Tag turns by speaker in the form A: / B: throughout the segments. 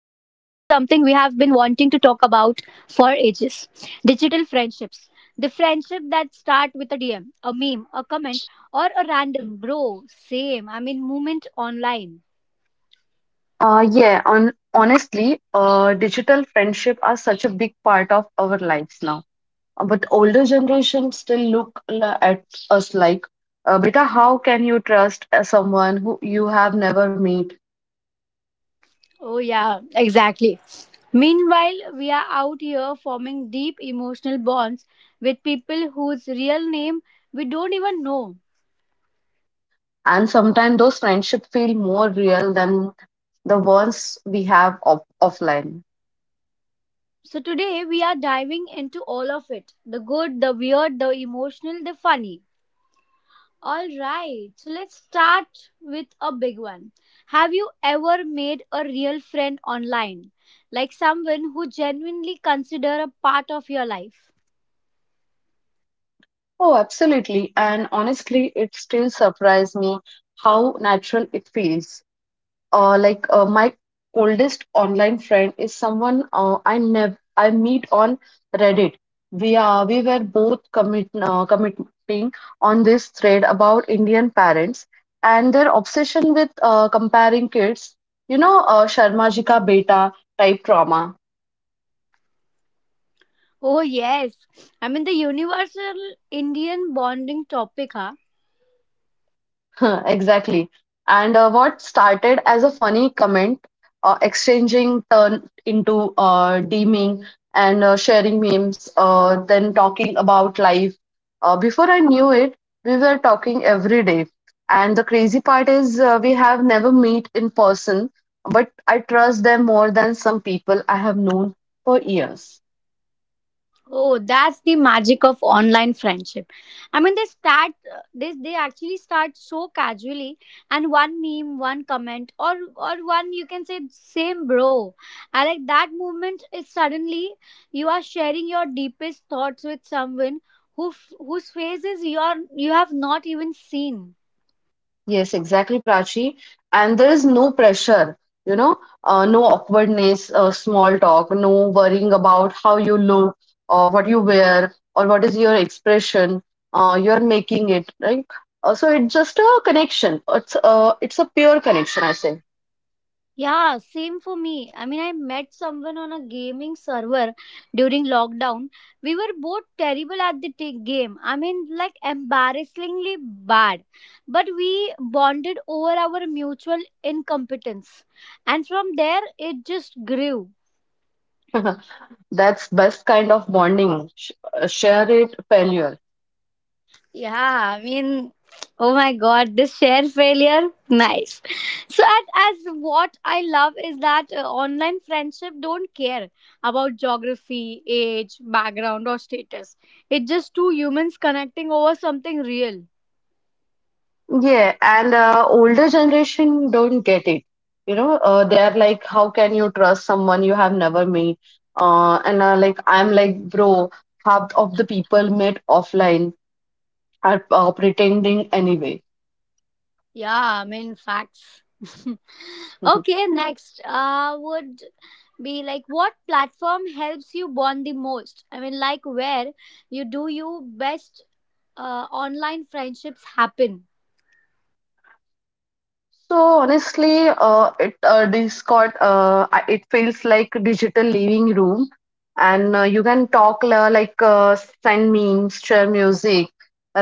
A: about for ages: digital friendships. The friendship that start with a DM, a meme, a comment, or a random bro, same, I mean, moment online.
B: Yeah, on honestly, digital friendship are such a big part of our lives now. But older generations still look at us like, beta, how can you trust someone who you have never met?
A: Oh, yeah, exactly. Meanwhile, we are out here forming deep emotional bonds with people whose real name we don't even know.
B: And sometimes those friendships feel more real than the ones we have offline.
A: So today we are diving into all of it: the good, the weird, the emotional, the funny. All right, so let's start with a big one. Have you ever made a real friend online? Like someone who genuinely consider a part of your life?
B: Oh, absolutely. And honestly, it still surprised me how natural it feels. Uh, like my oldest online friend is someone I never I meet on Reddit. We were both committing on this thread about Indian parents and their obsession with comparing kids. You know, Sharma Ji ka beta type trauma.
A: Oh yes. I mean the universal Indian bonding topic, huh?
B: Huh, exactly. And what started as a funny comment, exchanging turned into deeming and sharing memes, then talking about life. Before I knew it, we were talking every day. And the crazy part is, we have never met in person, but I trust them more than some people I have known for years.
A: Oh, that's the magic of online friendship. I mean, they actually start so casually, and one meme, one comment, or one you can say same bro. I like that moment is suddenly you are sharing your deepest thoughts with someone whose faces you have not even seen.
B: Yes, exactly, Prachi. And there is no pressure, you know, no awkwardness, small talk, no worrying about how you look or what you wear or what is your expression. You're making it, right? So it's just a connection. It's a pure connection, I say.
A: Yeah, same for me. I mean, I met someone on a gaming server during lockdown. We were both terrible at the game. I mean, like embarrassingly bad. But we bonded over our mutual incompetence. And from there, it just grew.
B: That's best kind of bonding. Share it, failure.
A: Yeah, I mean, oh my god, this share failure, nice. So, as what I love is that online friendship don't care about geography, age, background, or status. It's just two humans connecting over something real.
B: Yeah, and older generation don't get it. You know, they're like, how can you trust someone you have never met? And like, I'm like, bro, half of the people met offline are pretending anyway.
A: Yeah, I mean, facts. Okay, next would be like what platform helps you bond the most? I mean, like where you do you best online friendships happen.
B: So honestly, it Discord it feels like a digital living room, and you can talk like send memes, share music,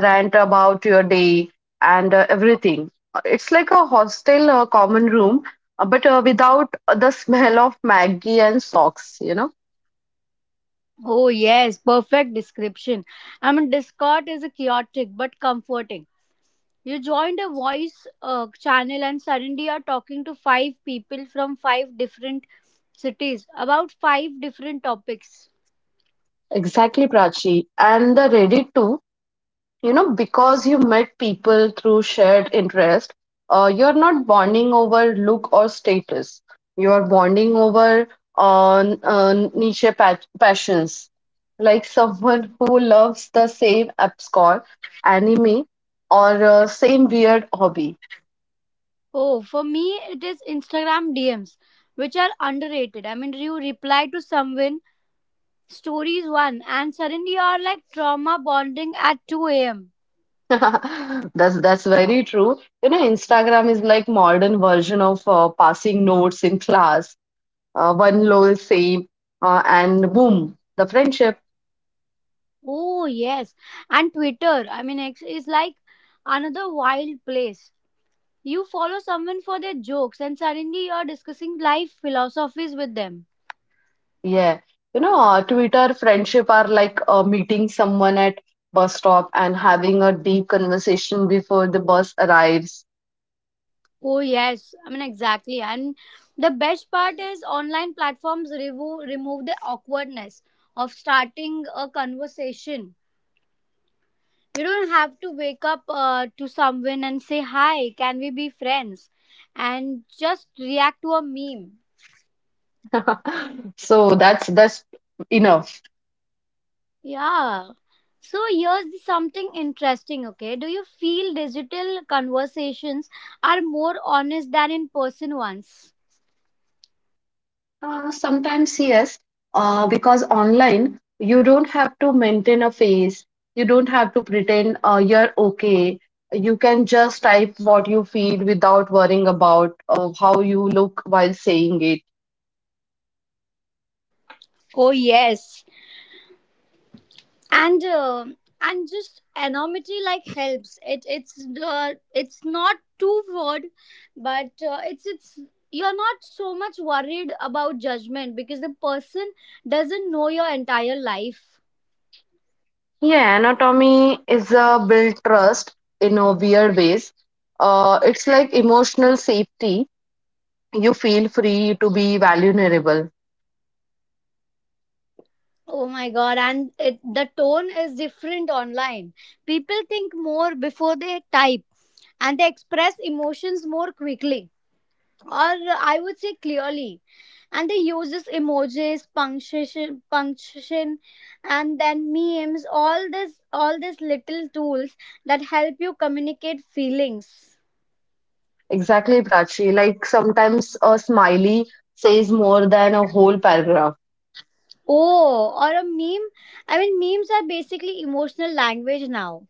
B: rant about your day, and everything. It's like a hostel common room, but without the smell of Maggie and socks. You know
A: Oh, yes, perfect description. I mean, Discord is a chaotic but comforting. You joined a voice channel and suddenly you are talking to five people from five different cities about five different topics.
B: exactly, Prachi, and the Reddit too. You know, because you met people through shared interest, you're not bonding over look or status, you're bonding over on niche passions, like someone who loves the same abscon anime or same weird hobby.
A: Oh, for me, it is Instagram DMs, which are underrated. I mean, you reply to someone, stories one, and suddenly you are like trauma bonding at 2 a.m.
B: That's very true. You know, Instagram is like modern version of passing notes in class, one lol same, and boom, the friendship.
A: Oh, yes. And Twitter, I mean, X is like another wild place. You follow someone for their jokes, and suddenly you're discussing life philosophies with them.
B: Yeah. You know, Twitter friendship are like meeting someone at bus stop and having a deep conversation before the bus arrives.
A: Oh, yes, I mean, exactly. And the best part is online platforms remove the awkwardness of starting a conversation. You don't have to wake up to someone and say, "Hi, can we be friends?" And just react to a meme.
B: So that's enough.
A: Yeah. So here's the something interesting, okay? Do you feel digital conversations are more honest than in person ones?
B: Sometimes yes, because online you don't have to maintain a face. You don't have to pretend you're okay. You can just type what you feel without worrying about how you look while saying it.
A: Oh yes, and uh, and just anonymity like helps. It's not too broad, but it's you're not so much worried about judgment because the person doesn't know your entire life.
B: Yeah, anatomy is a build trust in a weird ways. It's like emotional safety. You feel free to be vulnerable.
A: Oh my god, and the tone is different online. People think more before they type and they express emotions more quickly, or I would say clearly. And they use this emojis, punctuation, and then memes, all these little tools that help you communicate feelings.
B: Exactly, Prachi. Like sometimes a smiley says more than a whole paragraph.
A: Oh, or a meme. I mean, memes are basically emotional language now.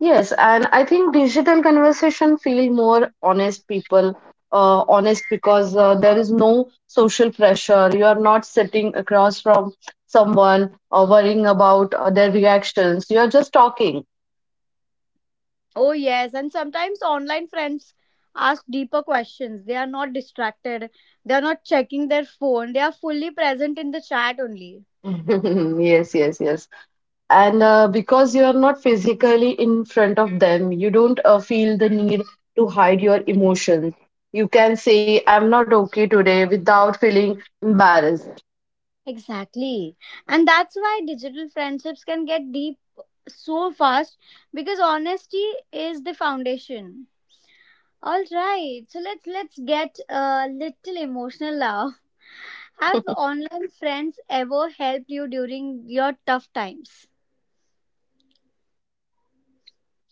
B: Yes, and I think digital conversation feel more honest people, honest because there is no social pressure. You are not sitting across from someone or worrying about their reactions. You are just talking.
A: Oh, yes. And sometimes online friends ask deeper questions. They are not distracted, they are not checking their phone, they are fully present in the chat only.
B: Yes, yes, yes. And because you are not physically in front of them, you don't feel the need to hide your emotions. You can say, I'm not okay today without feeling embarrassed.
A: Exactly. And that's why digital friendships can get deep so fast because honesty is the foundation. All right, so let's get a little emotional now. Have online friends ever helped you during your tough times?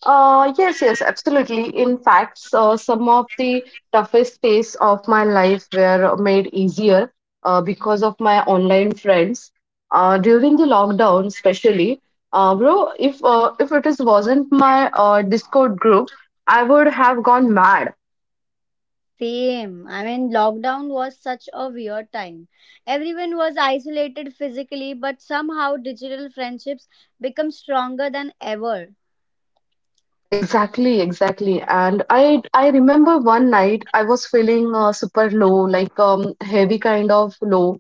B: Yes, yes, absolutely. In fact, some of the toughest phase of my life were made easier because of my online friends. During the lockdown, especially, bro, if it is wasn't my Discord group, I would have gone mad.
A: Same. I mean, lockdown was such a weird time. Everyone was isolated physically, but somehow digital friendships become stronger than ever.
B: Exactly, exactly. And I remember one night I was feeling super low, like heavy kind of low,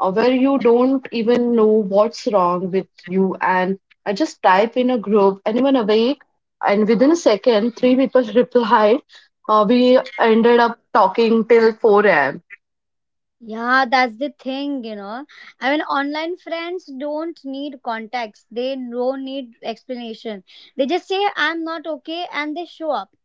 B: where you don't even know what's wrong with you. And I just type in a group, anyone awake? And within a second, three people replied. We ended up talking till 4 a.m.
A: Yeah, that's the thing. I mean, online friends don't need context, they don't need explanation. They just say, "I'm not okay," and they show up.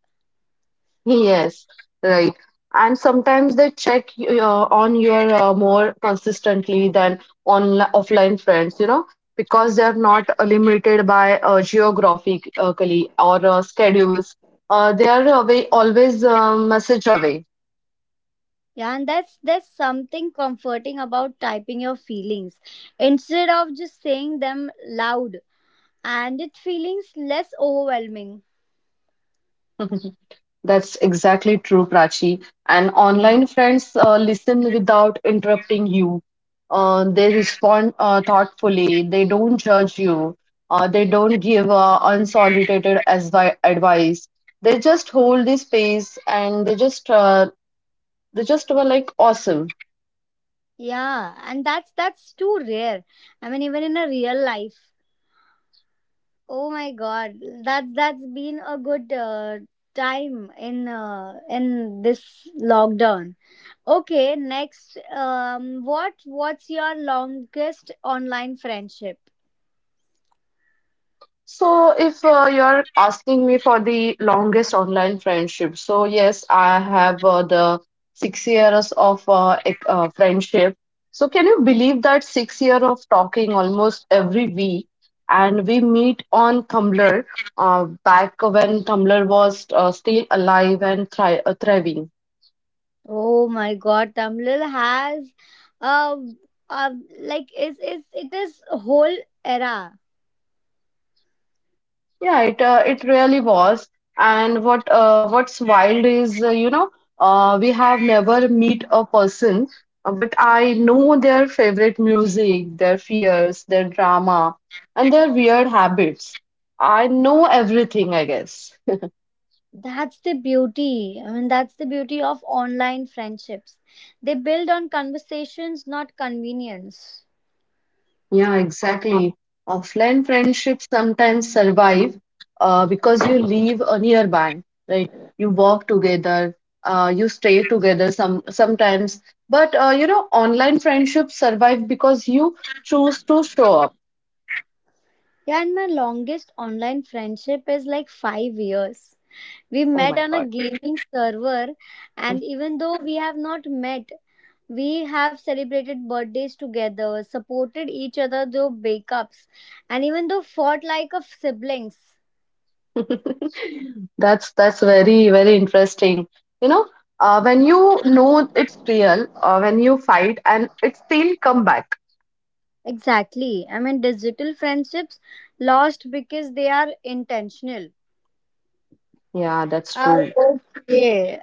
B: Yes, right. And sometimes they check on your more consistently than on offline friends, you know, because they're not limited by geographically or schedules. They are away, always message away.
A: Yeah, and that's there's something comforting about typing your feelings instead of just saying them loud, and it feels less overwhelming.
B: That's exactly true, Prachi. And online friends listen without interrupting you. They respond thoughtfully. They don't judge you. They don't give unsolicited advice. They just hold the space and they just were like awesome.
A: Yeah, and that's too rare. I mean, even in a real life. Oh my God, that's been a good time in this lockdown. Okay, next, what's your longest online friendship?
B: So, if you're asking me for the longest online friendship, so yes, I have the 6 years of friendship. So, can you believe that 6 year of talking almost every week, and we meet on Tumblr back when Tumblr was still alive and thriving.
A: Oh my God, Tamlil has, um, like is it is whole era.
B: Yeah, it really was. And what's wild is you know we have never meet a person, but I know their favorite music, their fears, their drama, and their weird habits. I know everything, I guess.
A: That's the beauty. I mean, that's the beauty of online friendships. They build on conversations, not convenience.
B: Yeah, exactly. Offline friendships sometimes survive because you live nearby, right? You walk together, you stay together some sometimes. But you know, online friendships survive because you choose to show up.
A: Yeah, and my longest online friendship is like 5 years. We
B: Oh
A: met
B: my
A: on a
B: God.
A: gaming server, and even though we have not met, we have celebrated birthdays together, supported each other through breakups, and even though fought like a siblings.
B: That's very very interesting. You know, when you know it's real, when you fight and it still come back.
A: Exactly. I mean, digital friendships lost because they are intentional.
B: Yeah, that's
A: Uh,
B: true.
A: okay.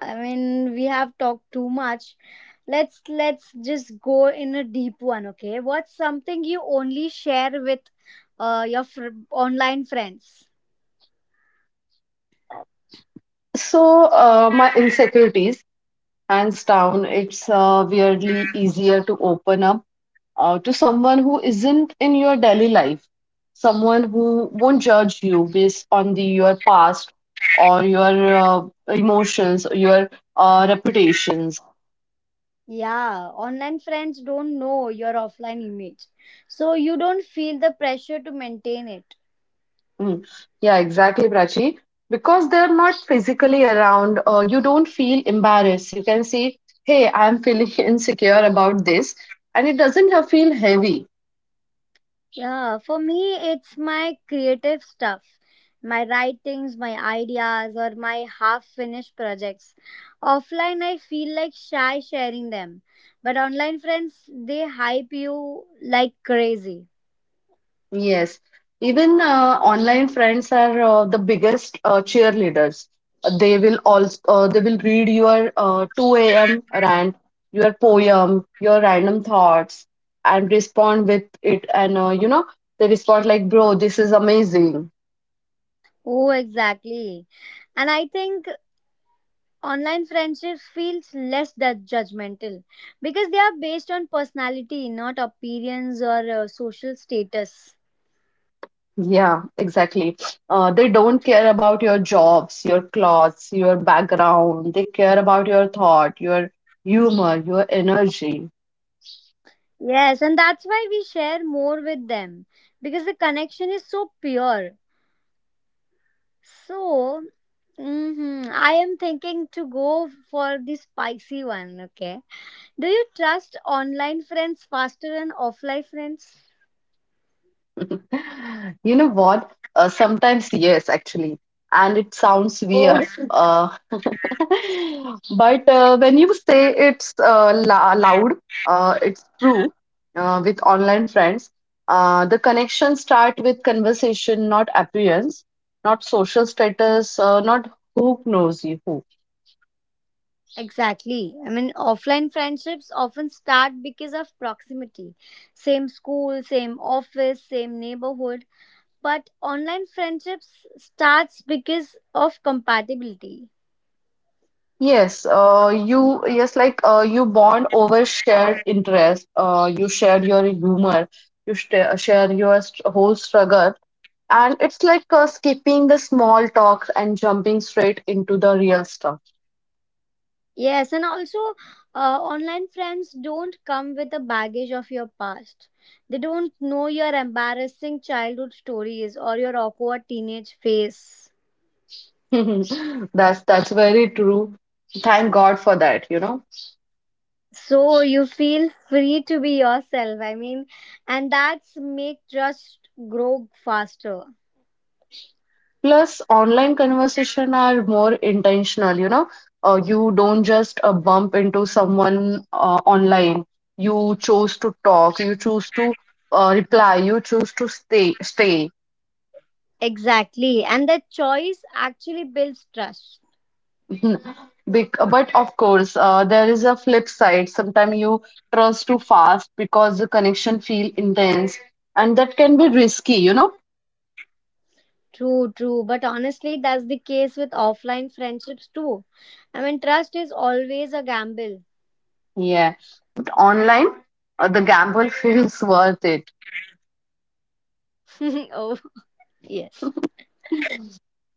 A: I mean, we have talked too much. Let's just go in a deep one, okay? What's something you only share with your online friends?
B: So, my insecurities. Hands down, it's weirdly easier to open up to someone who isn't in your daily life, someone who won't judge you based on the your past or your emotions, or your reputations.
A: Yeah, online friends don't know your offline image. So you don't feel the pressure to maintain it.
B: Mm. Yeah, exactly, Prachi. Because they're not physically around, you don't feel embarrassed. You can say, "Hey, I'm feeling insecure about this," and it doesn't feel heavy.
A: Yeah, for me, it's my creative stuff, my writings, my ideas, or my half finished projects. Offline, I feel like shy sharing them, but online friends, they hype you like crazy.
B: Yes, even online friends are the biggest cheerleaders. They will also they will read your 2 a.m. rant, your poem, your random thoughts, and respond with it. And you know they respond like, "Bro, this is amazing."
A: Oh, exactly. And I think online friendships feels less that judgmental because they are based on personality, not appearance or social status.
B: Yeah, exactly. They don't care about your jobs, your clothes, your background. They care about your thought, your humor, your energy.
A: Yes, and that's why we share more with them because the connection is so pure. So, mhm, I am thinking to go for the spicy one, okay? Do you trust online friends faster than offline friends?
B: You know what? Sometimes, yes, actually. And it sounds
A: Oh,
B: weird. But when you say it's loud, it's true with online friends. The connections start with conversation, not appearance, not social status, not who knows you who.
A: exactly. I mean, offline friendships often start because of proximity. Same school, same office, same neighborhood, but online friendships starts because of compatibility.
B: Yes, you yes, like you bond over shared interest. You share your humor. You share your whole struggle, and it's like skipping the small talks and jumping straight into the real stuff.
A: Yes, and also online friends don't come with a baggage of your past. They don't know your embarrassing childhood stories or your awkward teenage phase.
B: That's very true. Thank God for that, you know.
A: So you feel free to be yourself. I mean, and that's make trust grow faster.
B: Plus online conversation are more intentional, you know. You don't just bump into someone online, you chose to talk, you choose to reply, you choose to stay.
A: Exactly. And that choice actually builds trust.
B: Mhm. But of course there is a flip side, sometimes you trust too fast because the connection feel intense and that can be risky, you know.
A: True, true. But honestly, that's the case with offline friendships too. I mean, trust is always a gamble.
B: Yeah, online the gamble feels worth it.
A: Oh, yes.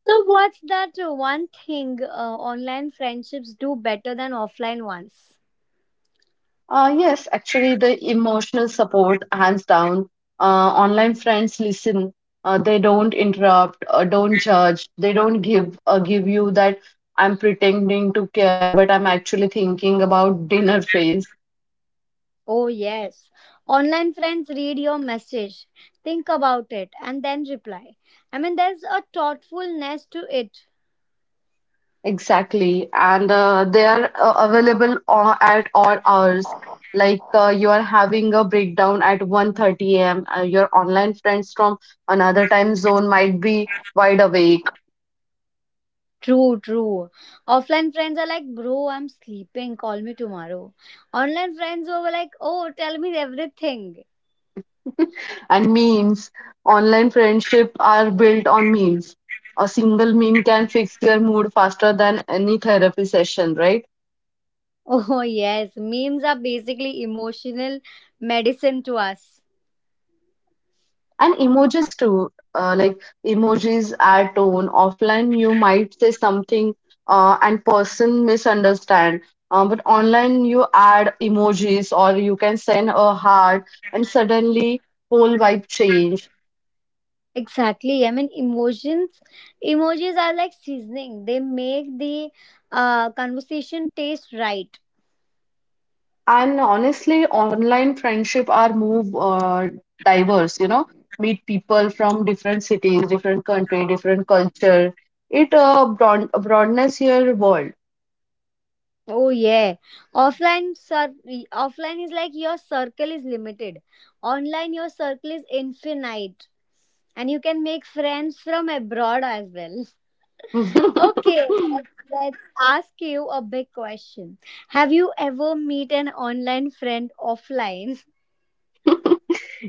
A: So, what's that one thing online friendships do better than offline ones?
B: Yes, actually, the emotional support, hands down. Online friends listen. They don't interrupt, don't judge. They don't give give you that I'm pretending to care, but I'm actually thinking about dinner phase.
A: Oh, yes. Online friends read your message, think about it, and then reply. I mean, there's a thoughtfulness to it.
B: Exactly, and they are available at all hours. Like you are having a breakdown at 1:30 a.m. Your online friends from another time zone might be wide awake.
A: True, true. Offline friends are like, "Bro, I'm sleeping, call me tomorrow." Online friends were like, "Oh, tell me everything."
B: And memes. Online friendship are built on memes. A single meme can fix your mood faster than any therapy session, right?
A: Oh, yes. Memes are basically emotional medicine to us.
B: And emojis too. Like emojis add tone. Offline, you might say something and person misunderstand. But online, you add emojis or you can send a heart, and suddenly whole vibe change.
A: Exactly. I mean, emojis are like seasoning. They make the conversation taste right.
B: And honestly, online friendship are move diverse, you know, meet people from different cities, different country, different culture. It broadens your world.
A: Oh yeah. Offline, sir. Offline is like your circle is limited. Online, your circle is infinite, and you can make friends from abroad as well. Okay, let's ask you a big question. Have you ever meet an online friend offline?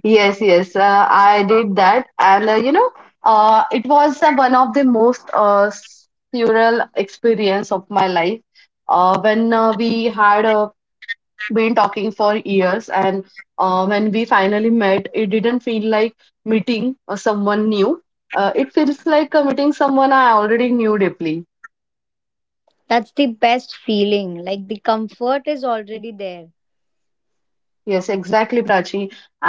B: Yes, yes, I did that, and you know, it was one of the most surreal experience of my life. When we had a been talking for years and when we finally met, it didn't feel like meeting someone new, it feels like meeting someone I already knew deeply.
A: That's the best feeling. Like the comfort is already there.
B: Yes, exactly, Prachi.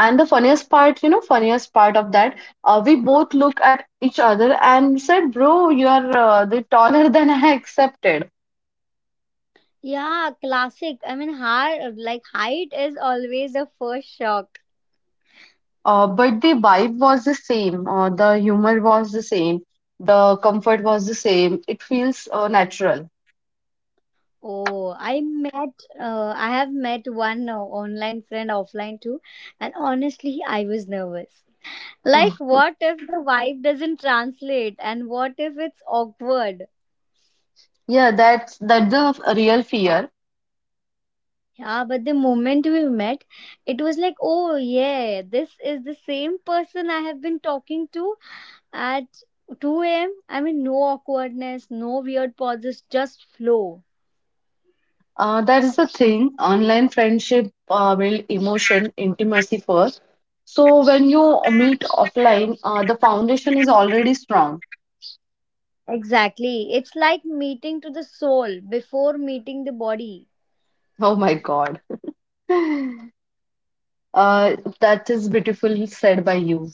B: And the funniest part, you know, funniest part of that, we both look at each other and said, bro, you are the taller than I accepted.
A: Yeah, classic. I mean, like height is always the first shock.
B: But the vibe was the same, the humor was the same, the comfort was the same, it feels natural.
A: Oh, I have met one online friend offline too, and honestly, I was nervous. Like, what if the vibe doesn't translate, and what if it's awkward?
B: Yeah, that's the real fear.
A: Yeah, but the moment we met, it was like, oh yeah, this is the same person I have been talking to at 2 a.m. I mean, no awkwardness, no weird pauses, just flow.
B: That is the thing. Online friendship build emotion, intimacy first. So when you meet offline, the foundation is already strong.
A: Exactly. It's like meeting to the soul before meeting the body.
B: Oh my God. That is beautifully said by you.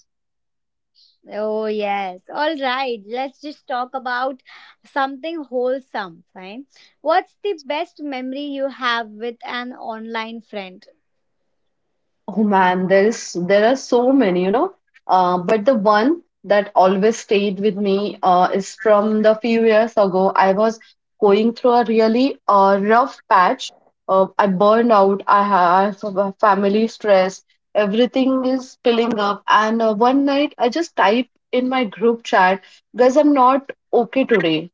A: Oh, yes. All right. Let's just talk about something wholesome. Fine. What's the best memory you have with an online friend?
B: Oh man, there are so many. But the one that always stayed with me is from the few years ago. I was going through a really rough patch. I burned out. I have a family stress. Everything is spilling up. And one night, I just type in my group chat, guys, I'm not okay today.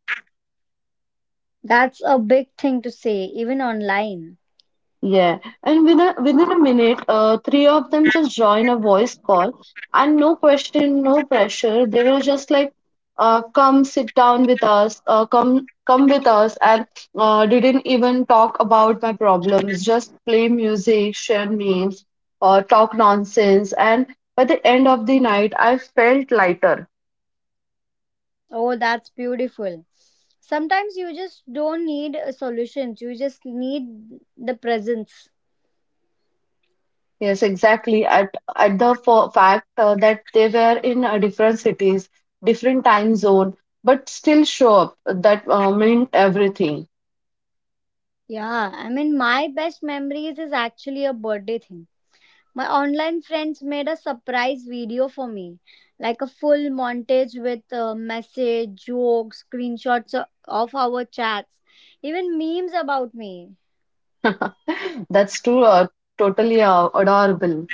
A: That's a big thing to say, even online.
B: Yeah, and within a minute, three of them just join a voice call, and no question, no pressure. They were just like, "Come sit down with us. Come with us," and didn't even talk about my problems. Just play music, share memes, talk nonsense, and by the end of the night, I felt lighter.
A: Oh, that's beautiful. Sometimes you just don't need solutions, you just need the presence.
B: Yes, exactly. At the for fact that they were in different cities, different time zone, but still show up. That meant everything.
A: Yeah, I mean, my best memories is actually a birthday thing. My online friends made a surprise video for me, like a full montage with message, jokes, screenshots of our chats, even memes about me.
B: That's too totally adorable.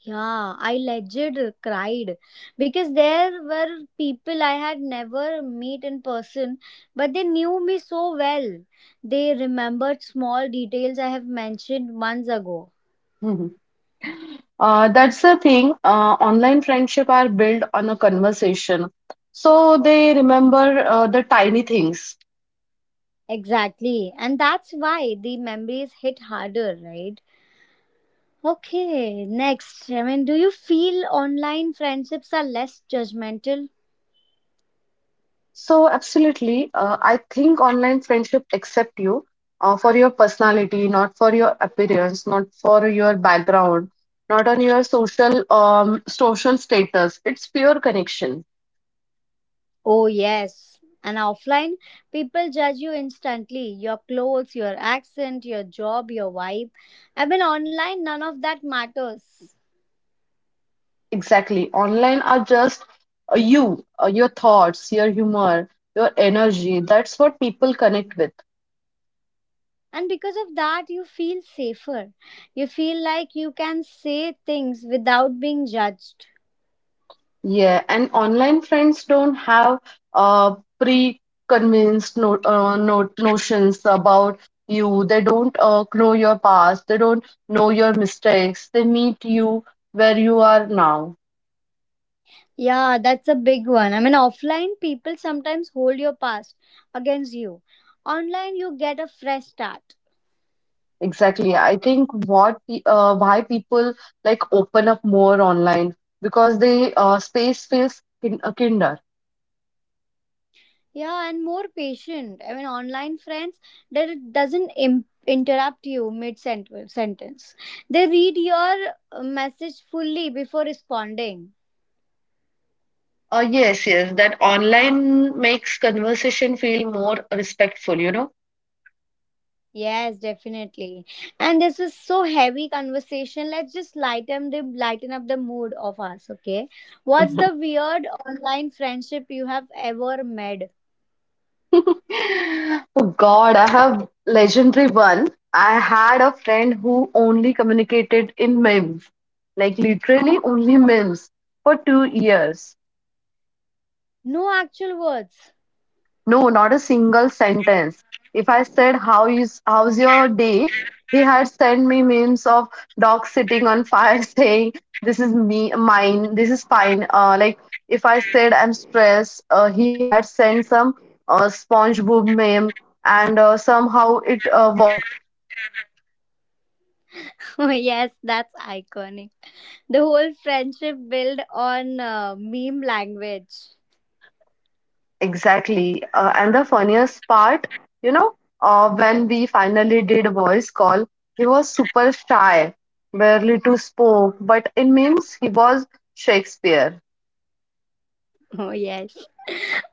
A: Yeah, I legit cried because there were people I had never met in person, but they knew me so well. They remembered small details I have mentioned months ago.
B: Mhm. That's the thing. Online friendship are built on a conversation, so they remember the tiny things.
A: Exactly, and that's why the memories hit harder, right? Okay, next, I mean, do you feel online friendships are less judgmental?
B: So, absolutely. I think online friendship accept you for your personality, not for your appearance, not for your background, not on your social social status. It's pure connection.
A: Oh, yes. And offline, people judge you instantly: your clothes, your accent, your job, your vibe. I mean, online, none of that matters.
B: Exactly. Online are just you, your thoughts, your humor, your energy. That's what people connect with.
A: And because of that, you feel safer. You feel like you can say things without being judged.
B: Yeah, and online friends don't have pre-convinced no, no, notions about you. They don't know your past. They don't know your mistakes. They meet you where you are now.
A: Yeah, that's a big one. I mean, offline, people sometimes hold your past against you. Online, you get a fresh start.
B: Exactly. I think why people like open up more online because they space feels kinder.
A: Yeah, and more patient. I mean, online friends that it doesn't interrupt you mid sentence. They read your message fully before responding.
B: Yes, yes. That online makes conversation feel more respectful, you know.
A: Yes, definitely. And this is so heavy conversation. Let's just lighten up the mood of us. Okay, what's the weird online friendship you have ever made?
B: Oh God, I have legendary one. I had a friend who only communicated in memes, like literally only memes for 2 years.
A: No actual words.
B: No, not a single sentence. If I said how's your day, he had sent me memes of dog sitting on fire saying this is me mine, this is fine. Like if I said I'm stressed, he had sent some SpongeBob meme, and somehow it worked.
A: Oh, yes, that's iconic. The whole friendship built on meme language.
B: Exactly. And the funniest part, you know, when we finally did a voice call, he was super shy, barely to spoke, but it means he was Shakespeare.
A: Oh, yes.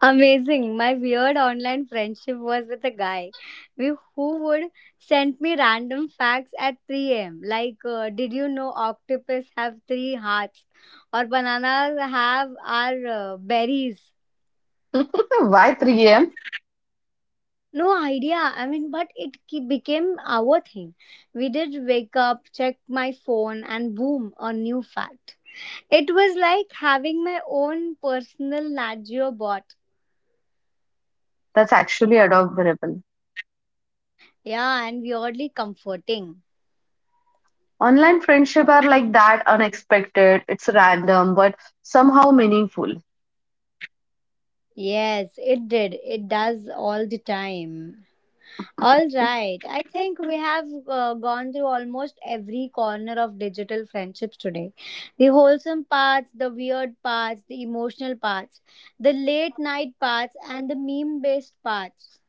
A: Amazing. My weird online friendship was with a guy who would send me random facts at 3 a.m. Like, did you know octopus have three hearts? Or bananas have our berries?
B: Why 3 a.m.?
A: No idea. I mean, but it became our thing. We did wake up, check my phone, and boom, a new fact. It was like having my own personal Nat Geo bot.
B: That's actually adorable.
A: Yeah, and weirdly comforting.
B: Online friendship are like that, unexpected, it's random, but somehow meaningful.
A: Yes, it did. It does all the time. All right. I think we have gone through almost every corner of digital friendships today. The wholesome parts, the weird parts, the emotional parts, the late night parts, and the meme based parts.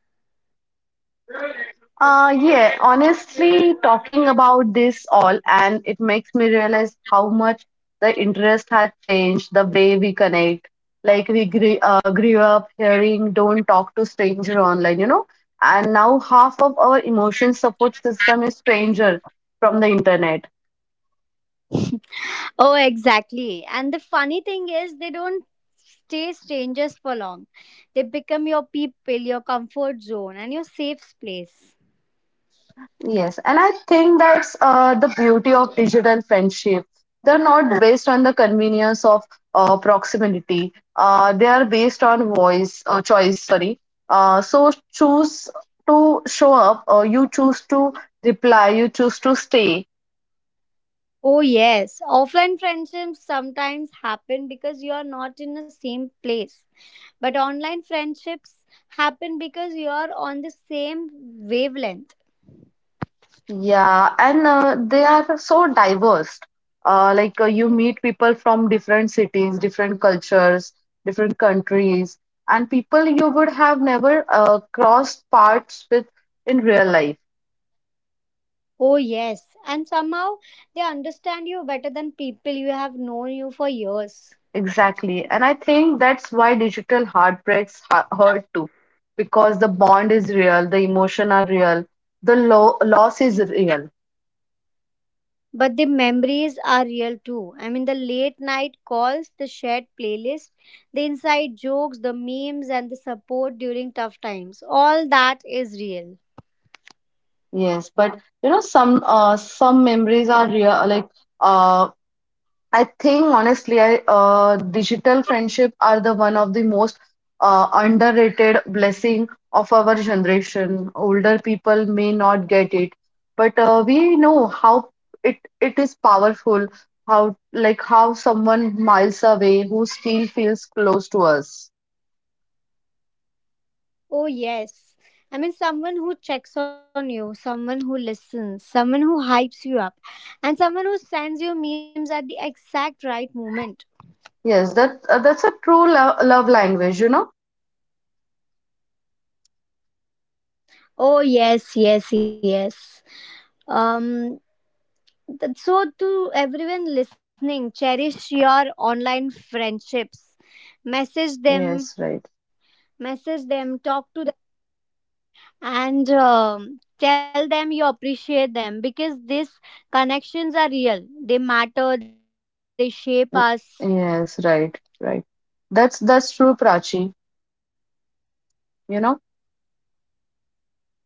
B: Yeah, honestly, talking about this all, and it makes me realize how much the interest has changed the way we connect. Like, grew up hearing don't talk to stranger online, you know, and now half of our emotion support system is stranger from the internet.
A: Oh, exactly. And the funny thing is, they don't stay strangers for long. They become your people, your comfort zone, and your safe place.
B: Yes, and I think that's the beauty of digital friendship. They're not based on the convenience of proximity. They are based on voice choice. Sorry. So choose to show up, or you choose to reply, you choose to stay.
A: Oh, yes. Offline friendships sometimes happen because you are not in the same place. But online friendships happen because you are on the same wavelength.
B: Yeah, and they are so diverse. Like you meet people from different cities, different cultures, different countries, and people you would have never crossed paths with in real life.
A: Oh, yes. And somehow they understand you better than people you have known you for years.
B: Exactly. And I think that's why digital heartbreaks hurt too, because the bond is real, the emotion are real, the lo loss is real.
A: But the memories are real too. I mean, the late night calls, the shared playlist, the inside jokes, the memes, and the support during tough times. All that is real.
B: Yes, but you know some memories are real, like uh I think honestly, digital friendship are the one of the most underrated blessing of our generation. Older people may not get it, but we know how it is powerful. How like how someone miles away who still feels close to us.
A: Oh, yes. I mean, someone who checks on you, someone who listens, someone who hypes you up, and someone who sends you memes at the exact right moment.
B: Yes, that that's a true love language. You know.
A: Oh, yes, yes, yes. Um, so, to everyone listening, cherish your online friendships. Message them, message
B: Yes,
A: them,
B: right.
A: talk to them, and tell them you appreciate them because these connections are real. They matter, they shape us.
B: Yes, right, right. That's true, Prachi. You know.
A: Yes,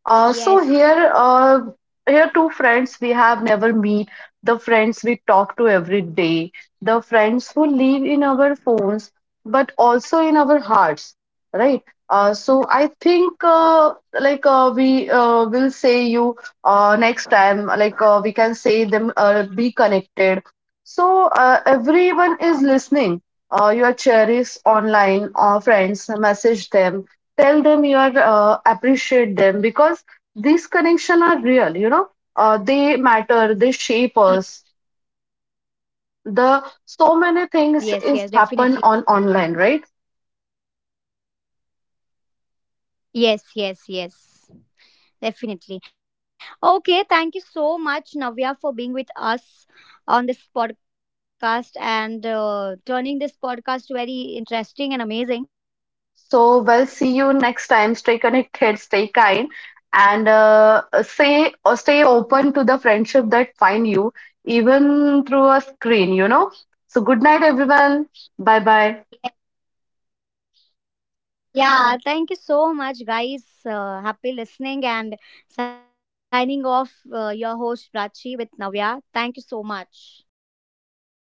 B: Uh, so here, uh, Here two friends we have never meet, the friends we talk to every day, the friends who live in our phones, but also in our hearts, right? So I think like we will say you next time, we can say them be connected. So everyone is listening. Your cherished online friends, message them, tell them you are appreciate them because these connection are real, you know, they matter, they shape us,
A: yes,
B: the
A: yes,
B: so
A: definitely.
B: many things is happen on online, right?
A: Yes, yes, yes, definitely. Okay, thank you so much, Navya, for being with us on this podcast and turning this podcast very interesting and amazing.
B: So, well, see you next time, stay connected, stay kind, and say or stay open to the friendship that find you even through a screen, you know. So good night everyone, bye bye.
A: Yeah, thank you so much, guys. Happy listening and signing off, your host Prachi with Navya. Thank you so much.